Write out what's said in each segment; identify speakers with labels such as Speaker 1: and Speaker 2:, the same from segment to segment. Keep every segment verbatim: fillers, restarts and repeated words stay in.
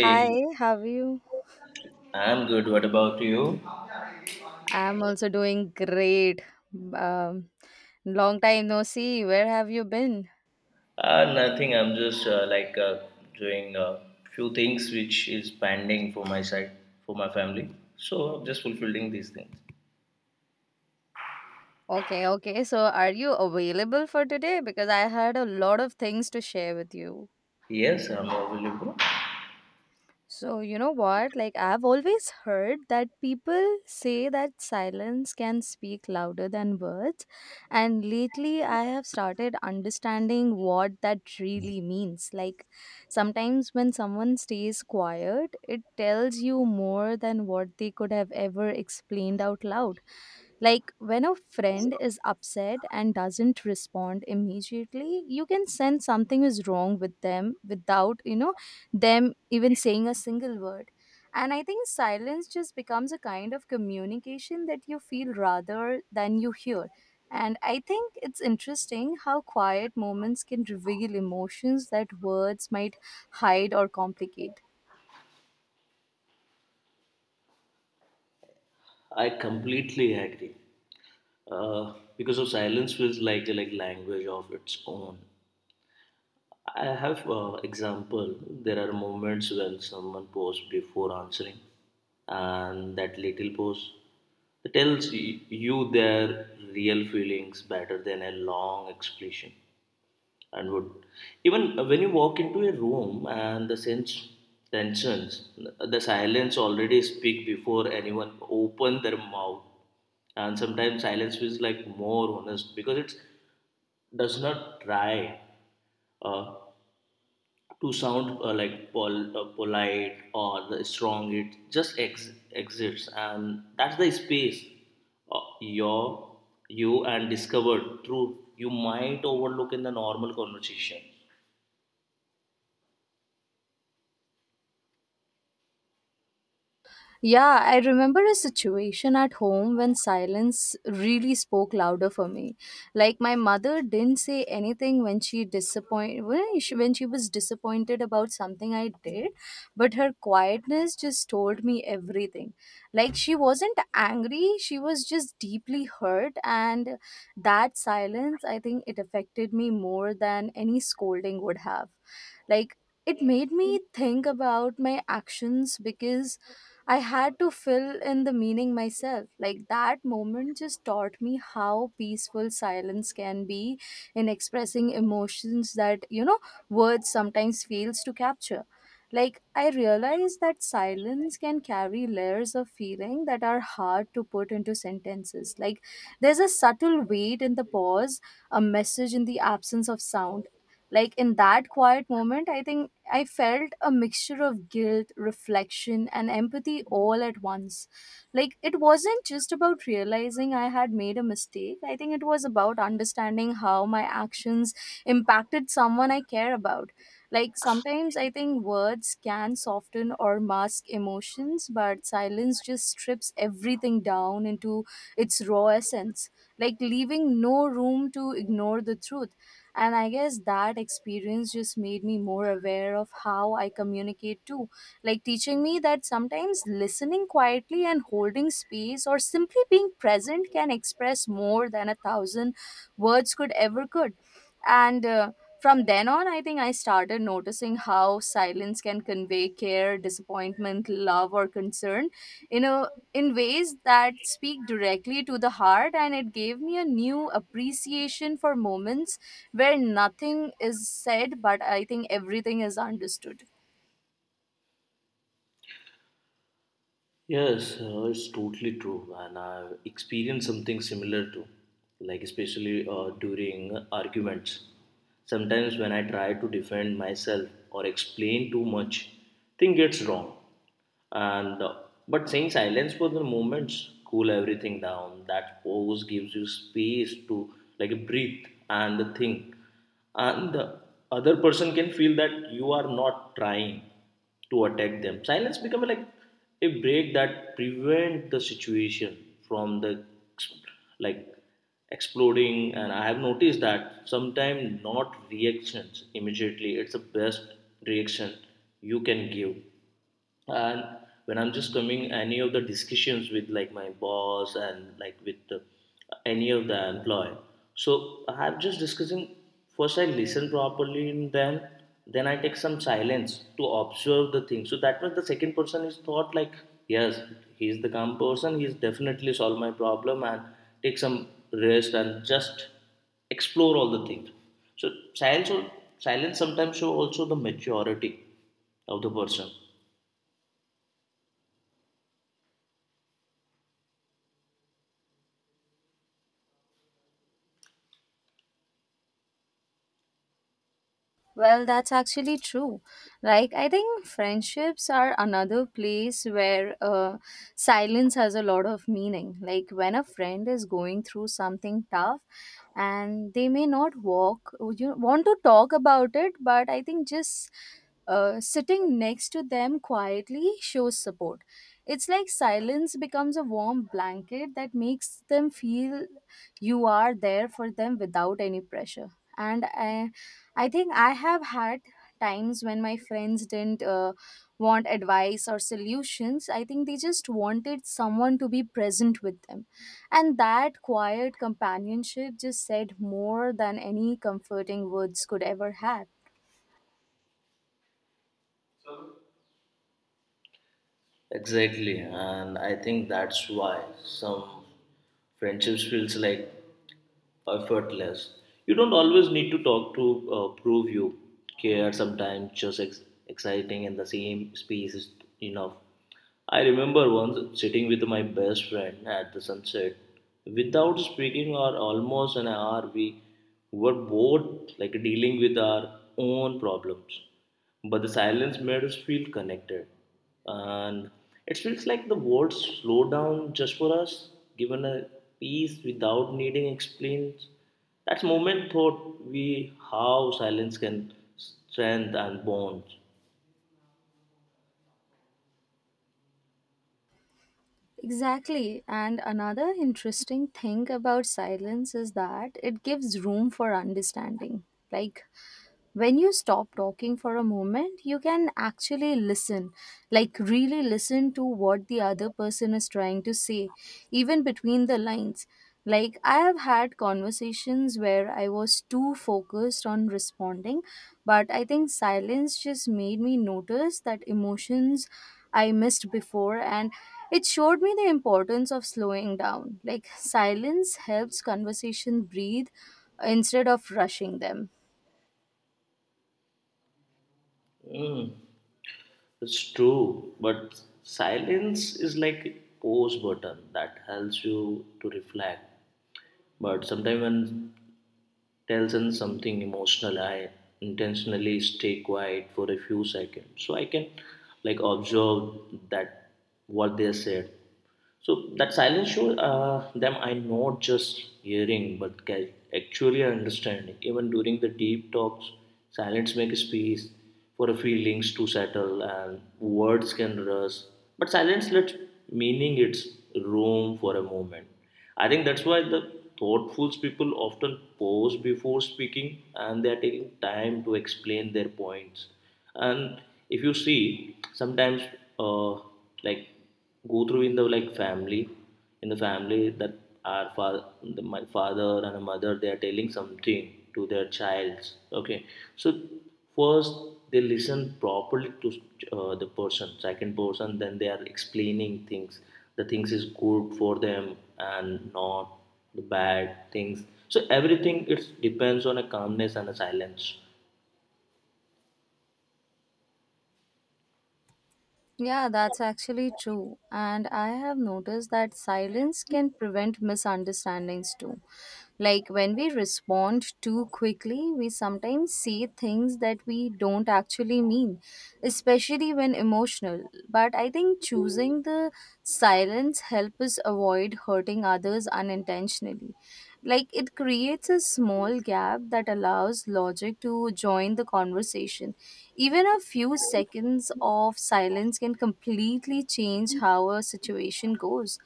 Speaker 1: Hi, how are you?
Speaker 2: I'm good. What about you?
Speaker 1: I'm also doing great. Um, Long time no see. Where have you been?
Speaker 2: Uh, nothing. I'm just uh, like uh, doing a few things which is pending for my side, for my family. So I'm just fulfilling these things.
Speaker 1: Okay, okay. So, are you available for today? Because I had a lot of things to share with you.
Speaker 2: Yes, I'm available.
Speaker 1: So, you know what? Like, I've always heard that people say that silence can speak louder than words. And lately, I have started understanding what that really means. Like, sometimes when someone stays quiet, it tells you more than what they could have ever explained out loud. Like, when a friend is upset and doesn't respond immediately, you can sense something is wrong with them without, you know, them even saying a single word. And I think silence just becomes a kind of communication that you feel rather than you hear. And I think it's interesting how quiet moments can reveal emotions that words might hide or complicate.
Speaker 2: I completely agree. Uh, because of silence feels like like language of its own. I have uh, example. There are moments when someone pause before answering, and that little pause. It tells y- you their real feelings better than a long explanation and would, even when you walk into a room and the sense tensions, the silence already speak before anyone open their mouth. And sometimes silence feels like more honest because it does not try uh, to sound uh, like pol- uh, polite or the strong. It just ex- exists, and that's the space uh, your you and discovered through you might overlook in the normal conversation.
Speaker 1: Yeah, I remember a situation at home when silence really spoke louder for me. Like my mother didn't say anything when she disappoint when she, when she was disappointed about something I did, but her quietness just told me everything. Like she wasn't angry, she was just deeply hurt and that silence, I think, it affected me more than any scolding would have. Like, it made me think about my actions because I had to fill in the meaning myself. Like, that moment just taught me how peaceful silence can be in expressing emotions that, you know, words sometimes fails to capture. Like, I realized that silence can carry layers of feeling that are hard to put into sentences. Like, there's a subtle weight in the pause, a message in the absence of sound like in that quiet moment, I think I felt a mixture of guilt, reflection, and empathy all at once. Like it wasn't just about realizing I had made a mistake, I think it was about understanding how my actions impacted someone I care about. Like sometimes I think words can soften or mask emotions, but silence just strips everything down into its raw essence, like leaving no room to ignore the truth. And I guess that experience just made me more aware of how I communicate too, like teaching me that sometimes listening quietly and holding space or simply being present can express more than a thousand words could ever could and uh, From then on, I think I started noticing how silence can convey care, disappointment, love or concern in a in ways that speak directly to the heart. And it gave me a new appreciation for moments where nothing is said but I think everything is understood.
Speaker 2: Yes, uh, it's totally true, and I've experienced something similar too, like especially uh, during arguments. Sometimes when I try to defend myself or explain too much, thing gets wrong. And uh, but saying silence for the moments cool everything down. That pose gives you space to like breathe and think, and the other person can feel that you are not trying to attack them. Silence becomes like a break that prevent the situation from the ex- like exploding. And I have noticed that sometimes not reactions immediately, it's the best reaction you can give. And when I'm just coming any of the discussions with like my boss and like with the, any of the employee, so I'm just discussing. First I listen properly, and then then I take some silence to observe the thing, so that was the second person is thought like, yes, he's the calm person, he's definitely solved my problem, and take some rest and just explore all the things. So silence silence sometimes show also the maturity of the person.
Speaker 1: Well, that's actually true. Like, I think friendships are another place where uh, silence has a lot of meaning. Like, when a friend is going through something tough and they may not walk, you want to talk about it, but I think just uh, sitting next to them quietly shows support. It's like silence becomes a warm blanket that makes them feel you are there for them without any pressure. And I I think I have had times when my friends didn't uh, want advice or solutions. I think they just wanted someone to be present with them. And that quiet companionship just said more than any comforting words could ever have.
Speaker 2: Exactly, and I think that's why some friendships feels like effortless. You don't always need to talk to uh, prove you care. Sometimes just ex- exciting in the same space is enough. I remember once sitting with my best friend at the sunset. Without speaking or almost an hour, we were both like dealing with our own problems, but the silence made us feel connected. And it feels like the world slowed down just for us, given a peace without needing explains. That moment taught we how silence can strengthen and bond.
Speaker 1: Exactly. And another interesting thing about silence is that it gives room for understanding. Like when you stop talking for a moment, you can actually listen, like really listen to what the other person is trying to say, even between the lines. Like I have had conversations where I was too focused on responding, but I think silence just made me notice that emotions I missed before, and it showed me the importance of slowing down. Like silence helps conversation breathe instead of rushing them.
Speaker 2: Mm, it's true, but silence is like a pause button that helps you to reflect. But sometimes when tells in something emotional, I intentionally stay quiet for a few seconds so I can like observe that what they said, so that silence shows uh, them I'm not just hearing but ca- actually understanding. Even during the deep talks, silence makes space for a feelings to settle and words can rust. But silence lets meaning its room for a moment. I think that's why the thoughtful people often pause before speaking, and they are taking time to explain their points. And if you see sometimes uh like go through in the like family in the family that our father the, my father and a mother they are telling something to their child, okay. So first they listen properly to uh, the person, second person, then they are explaining things. The things is good for them and not the bad things, so everything it depends on a calmness and a silence.
Speaker 1: Yeah, that's actually true. And I have noticed that silence can prevent misunderstandings too. Like when we respond too quickly, we sometimes say things that we don't actually mean, especially when emotional. But I think choosing the silence helps us avoid hurting others unintentionally. Like it creates a small gap that allows logic to join the conversation. Even a few seconds of silence can completely change how a situation goes.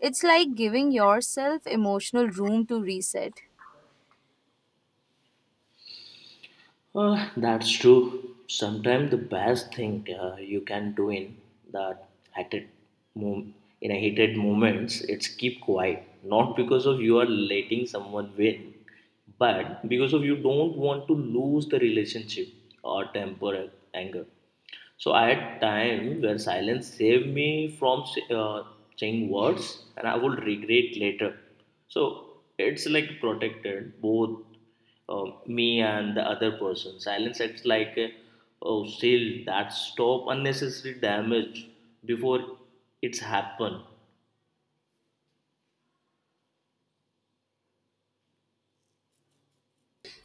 Speaker 1: It's like giving yourself emotional room to reset.
Speaker 2: Uh, that's true. Sometimes the best thing uh, you can do in that heated mom- in a heated moments, it's keep quiet. Not because of you are letting someone win, but because of you don't want to lose the relationship or temper anger. So I had time where silence saved me from uh, saying words, and I would regret later. So it's like protected both um, me and the other person. Silence acts like a, a shield that stop unnecessary damage before it's happened.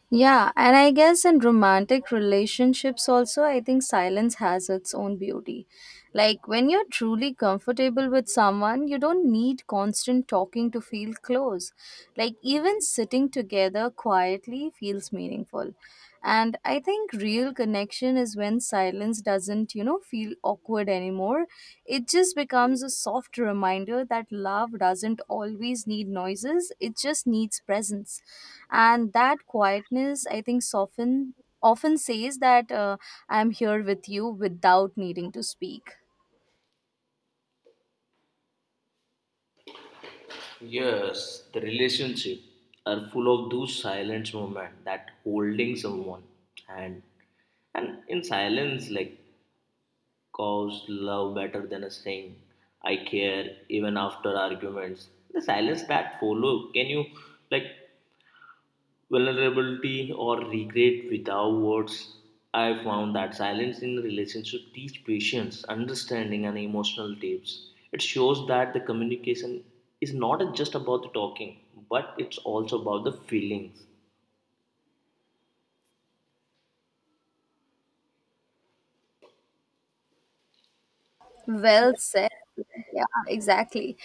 Speaker 1: Yeah, and I guess in romantic relationships also, I think silence has its own beauty. Like when you're truly comfortable with someone, you don't need constant talking to feel close. Like even sitting together quietly feels meaningful. And I think real connection is when silence doesn't, you know, feel awkward anymore. It just becomes a soft reminder that love doesn't always need noises, it just needs presence. And that quietness, I think, soften often says that uh, I'm here with you without needing to speak.
Speaker 2: Yes, the relationship are full of those silent moments that holding someone, and and in silence like cows love better than a saying, I care. Even after arguments, the silence that follow, can you like vulnerability or regret without words? I found that silence in relationship teach patience, understanding, and emotional depths. It shows that the communication is not just about the talking, but it's also about the feelings.
Speaker 1: Well said. Yeah, exactly.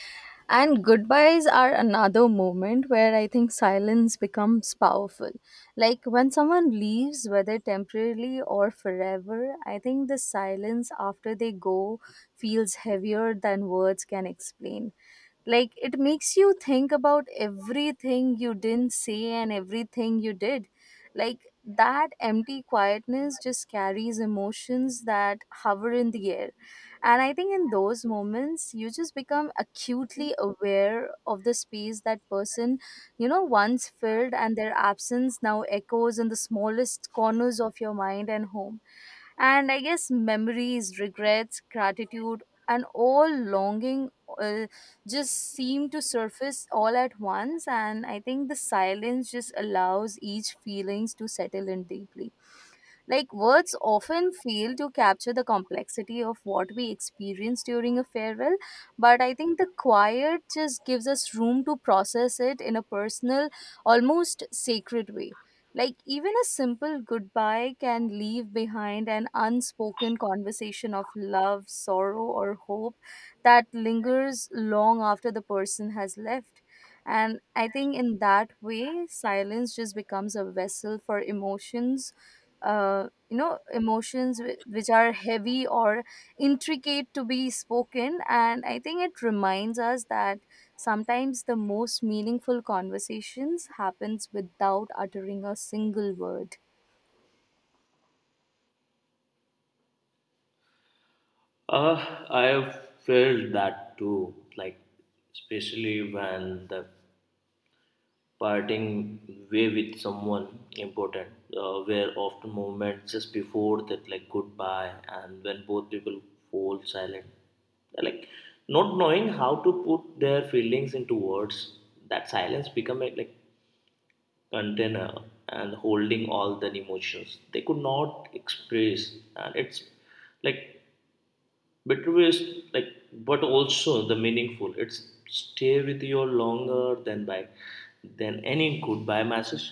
Speaker 1: And goodbyes are another moment where I think silence becomes powerful. Like when someone leaves, whether temporarily or forever, I think the silence after they go feels heavier than words can explain. Like it makes you think about everything you didn't say and everything you did. Like that empty quietness just carries emotions that hover in the air, and I think in those moments, you just become acutely aware of the space that person, you know, once filled, and their absence now echoes in the smallest corners of your mind and home. And I guess memories, regrets, gratitude, and all longing uh, just seem to surface all at once. And I think the silence just allows each feelings to settle in deeply. Like words often fail to capture the complexity of what we experience during a farewell, but I think the quiet just gives us room to process it in a personal, almost sacred way. Like even a simple goodbye can leave behind an unspoken conversation of love, sorrow, or hope that lingers long after the person has left. And I think in that way, silence just becomes a vessel for emotions, uh, you know, emotions whi- which are heavy or intricate to be spoken. And I think it reminds us that sometimes the most meaningful conversations happens without uttering a single word.
Speaker 2: Uh, I have felt that too, like especially when the parting way with someone important uh, were often moments just before that like goodbye. And when both people fall silent, like not knowing how to put their feelings into words, that silence become a like container and holding all the emotions they could not express. And it's like bitterest like, but also the meaningful, it's stay with you longer than by than any goodbye message.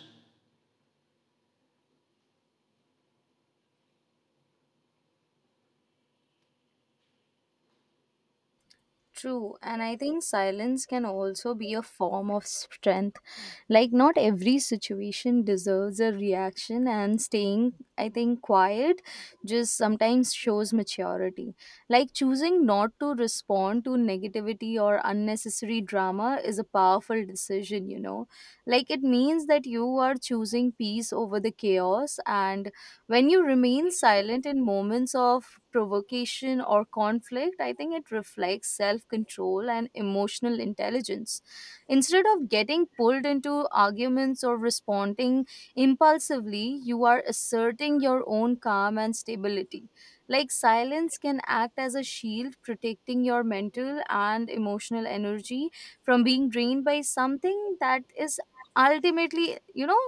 Speaker 1: True, and I think silence can also be a form of strength. Like, not every situation deserves a reaction, and staying, I think, quiet just sometimes shows maturity. Like, choosing not to respond to negativity or unnecessary drama is a powerful decision, you know. Like, it means that you are choosing peace over the chaos, and when you remain silent in moments of provocation or conflict, I think it reflects self control and emotional intelligence. Instead of getting pulled into arguments or responding impulsively, you are asserting your own calm and stability. Like silence can act as a shield, protecting your mental and emotional energy from being drained by something that is ultimately, you know,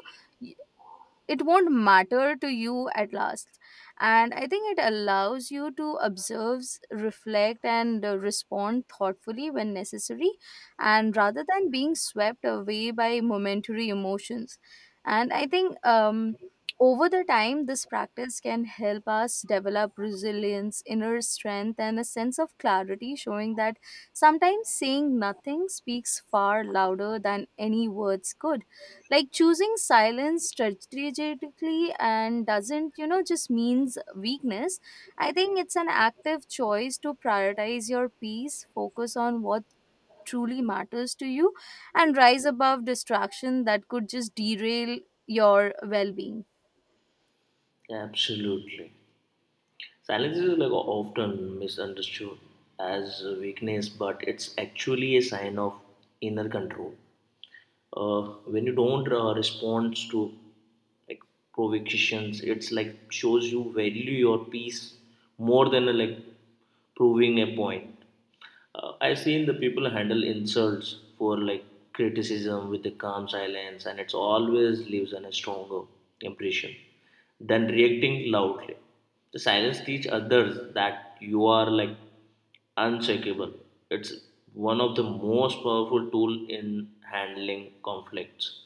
Speaker 1: it won't matter to you at last. And I think it allows you to observe, reflect and uh, respond thoughtfully when necessary, and rather than being swept away by momentary emotions. And I think um over the time this practice can help us develop resilience, inner strength and a sense of clarity, showing that sometimes saying nothing speaks far louder than any words could. Like choosing silence strategically and doesn't, you know, just means weakness. I think it's an active choice to prioritize your peace, focus on what truly matters to you and rise above distraction that could just derail your well-being.
Speaker 2: Absolutely. Silence is like often misunderstood as a weakness, but it's actually a sign of inner control. Uh, when you don't uh, respond to like provocations, it's like shows you value your peace more than uh, like proving a point. Uh, I've seen the people handle insults for like criticism with a calm silence, and it's always leaves on a stronger impression than reacting loudly. The silence teach others that you are like unshakable. It's one of the most powerful tool in handling conflicts.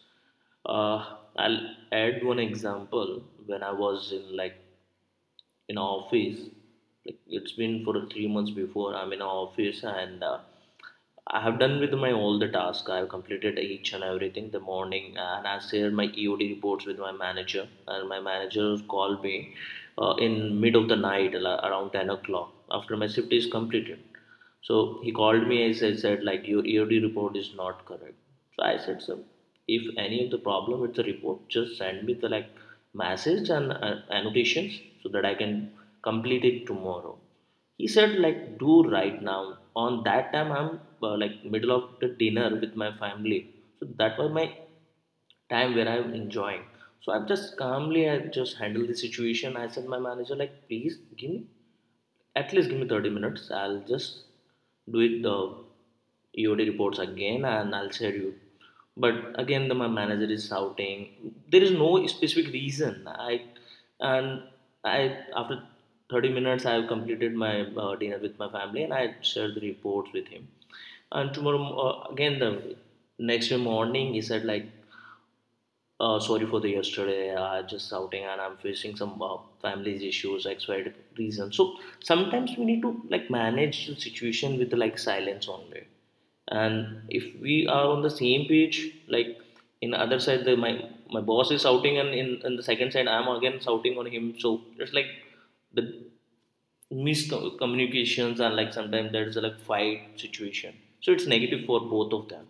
Speaker 2: Uh, I'll add one example when I was in like in office. Like it's been for three months before I'm in a office, and uh, I have done with my all the tasks. I have completed each and everything the morning, and I shared my E O D reports with my manager. And my manager called me uh, in mid of the night, la- around ten o'clock, after my shift is completed. So he called me and said, said like your E O D report is not correct. So I said, sir, if any of the problem with the report, just send me the like message and uh, annotations so that I can complete it tomorrow. He said like, do right now. On that time I'm uh, like middle of the dinner with my family, so that was my time where I'm enjoying. So I've just calmly I just handled the situation. I said my manager like, please give me, at least give me thirty minutes. I'll just do it the E O D reports again and I'll share you. But again, the, my manager is shouting. There is no specific reason. I and I, after thirty minutes, I have completed my uh, dinner with my family, and I shared the reports with him. And tomorrow, uh, again, the next day morning, he said like, uh, sorry for the yesterday. I just outing and I'm facing some uh, family issues, X, Y D reason. So sometimes we need to like manage the situation with like silence only. And if we are on the same page, like in other side, the, my my boss is shouting, and in, in the second side, I'm again shouting on him. So it's like the miscommunications, and like sometimes there's a like fight situation. So it's negative for both of them.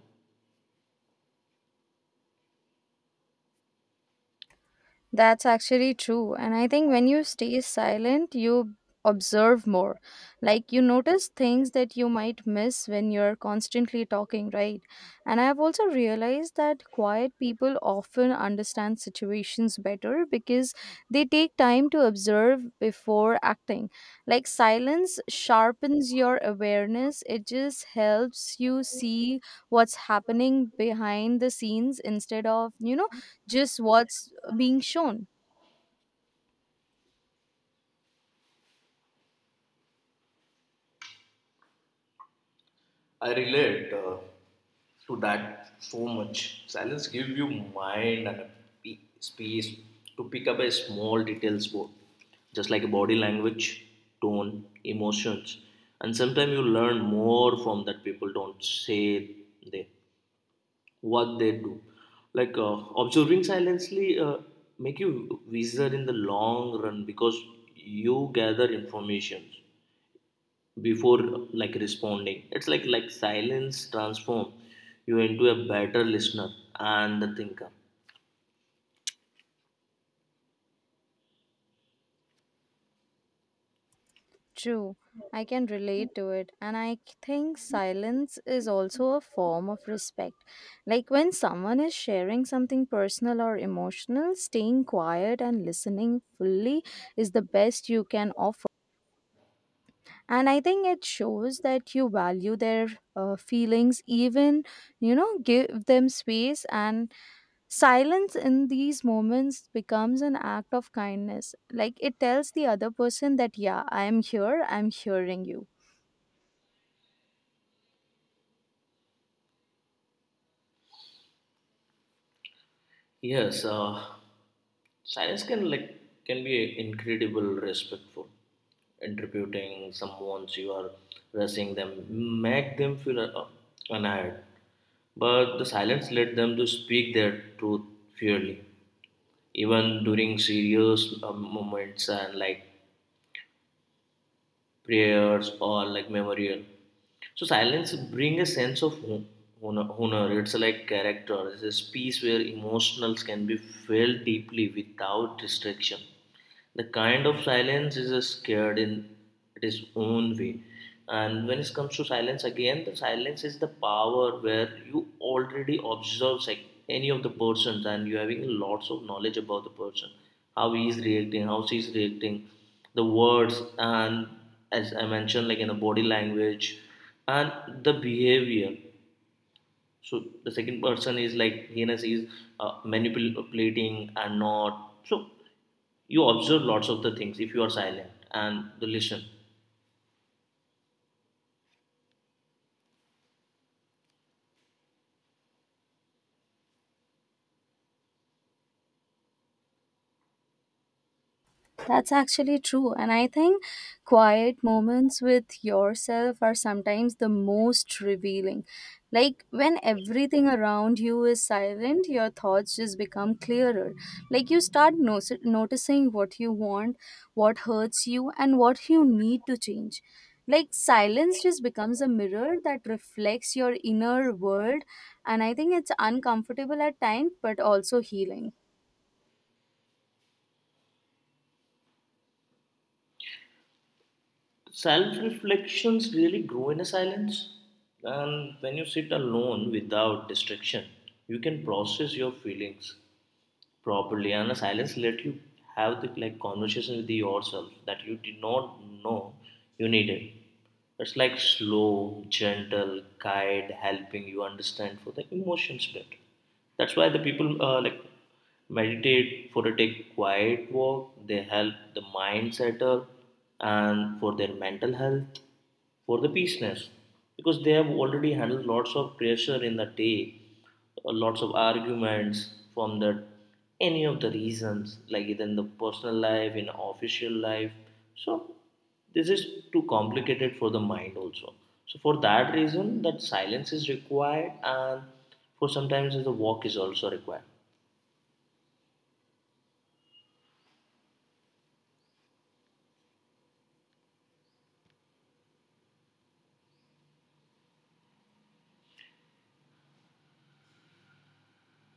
Speaker 1: That's actually true. And I think when you stay silent, you observe more. Like you notice things that you might miss when you're constantly talking, right? And I've also realized that quiet people often understand situations better because they take time to observe before acting. Like silence sharpens your awareness, it just helps you see what's happening behind the scenes instead of, you know, just what's being shown.
Speaker 2: I relate uh, to that so much. Silence give you mind and a pe- space to pick up a small details about, just like body language, tone, emotions, and sometimes you learn more from that people don't say they what they do. Like uh, observing silently uh, make you wiser in the long run because you gather information before like responding. It's like like silence transform you into a better listener and the thinker.
Speaker 1: True, I can relate to it, and I c- think silence is also a form of respect. Like when someone is sharing something personal or emotional, staying quiet and listening fully is the best you can offer. And I think it shows that you value their uh, feelings, even, you know, give them space. And silence in these moments becomes an act of kindness. Like it tells the other person that yeah, I am here, I'm hearing you.
Speaker 2: Yes, uh, silence can like can be incredible respectful. Interpreting someone's you are rushing them, make them feel uh, annoyed. But the silence let them to speak their truth fairly, even during serious uh, moments and like prayers or like memorial. So silence bring a sense of ho- honor. honor. It's like character. It's a space where emotionals can be felt deeply without distraction. The kind of silence is uh, scared in its own way. And when it comes to silence again, the silence is the power where you already observe like any of the persons, and you having lots of knowledge about the person, how he is reacting, how she is reacting, the words, and as I mentioned, like in the body language and the behavior, so the second person is like heinous is uh, manipulating and not. So you observe lots of the things if you are silent and the listen.
Speaker 1: That's actually true. And I think quiet moments with yourself are sometimes the most revealing. Like when everything around you is silent, your thoughts just become clearer. Like you start no- noticing what you want, what hurts you, and what you need to change. Like silence just becomes a mirror that reflects your inner world. And I think it's uncomfortable at times, but also healing.
Speaker 2: Self reflections really grow in a silence, and when you sit alone without distraction, you can process your feelings properly. And a silence let you have the like conversation with yourself that you did not know you needed. It's like slow, gentle guide, helping you understand for the emotions better. That's why the people uh, like meditate for a take quiet walk. They help the mind settle and for their mental health, for the peaceness, because they have already handled lots of pressure in the day, uh, lots of arguments from the any of the reasons like either in the personal life, in official life. So this is too complicated for the mind also. So for that reason, that silence is required, and for sometimes the walk is also required.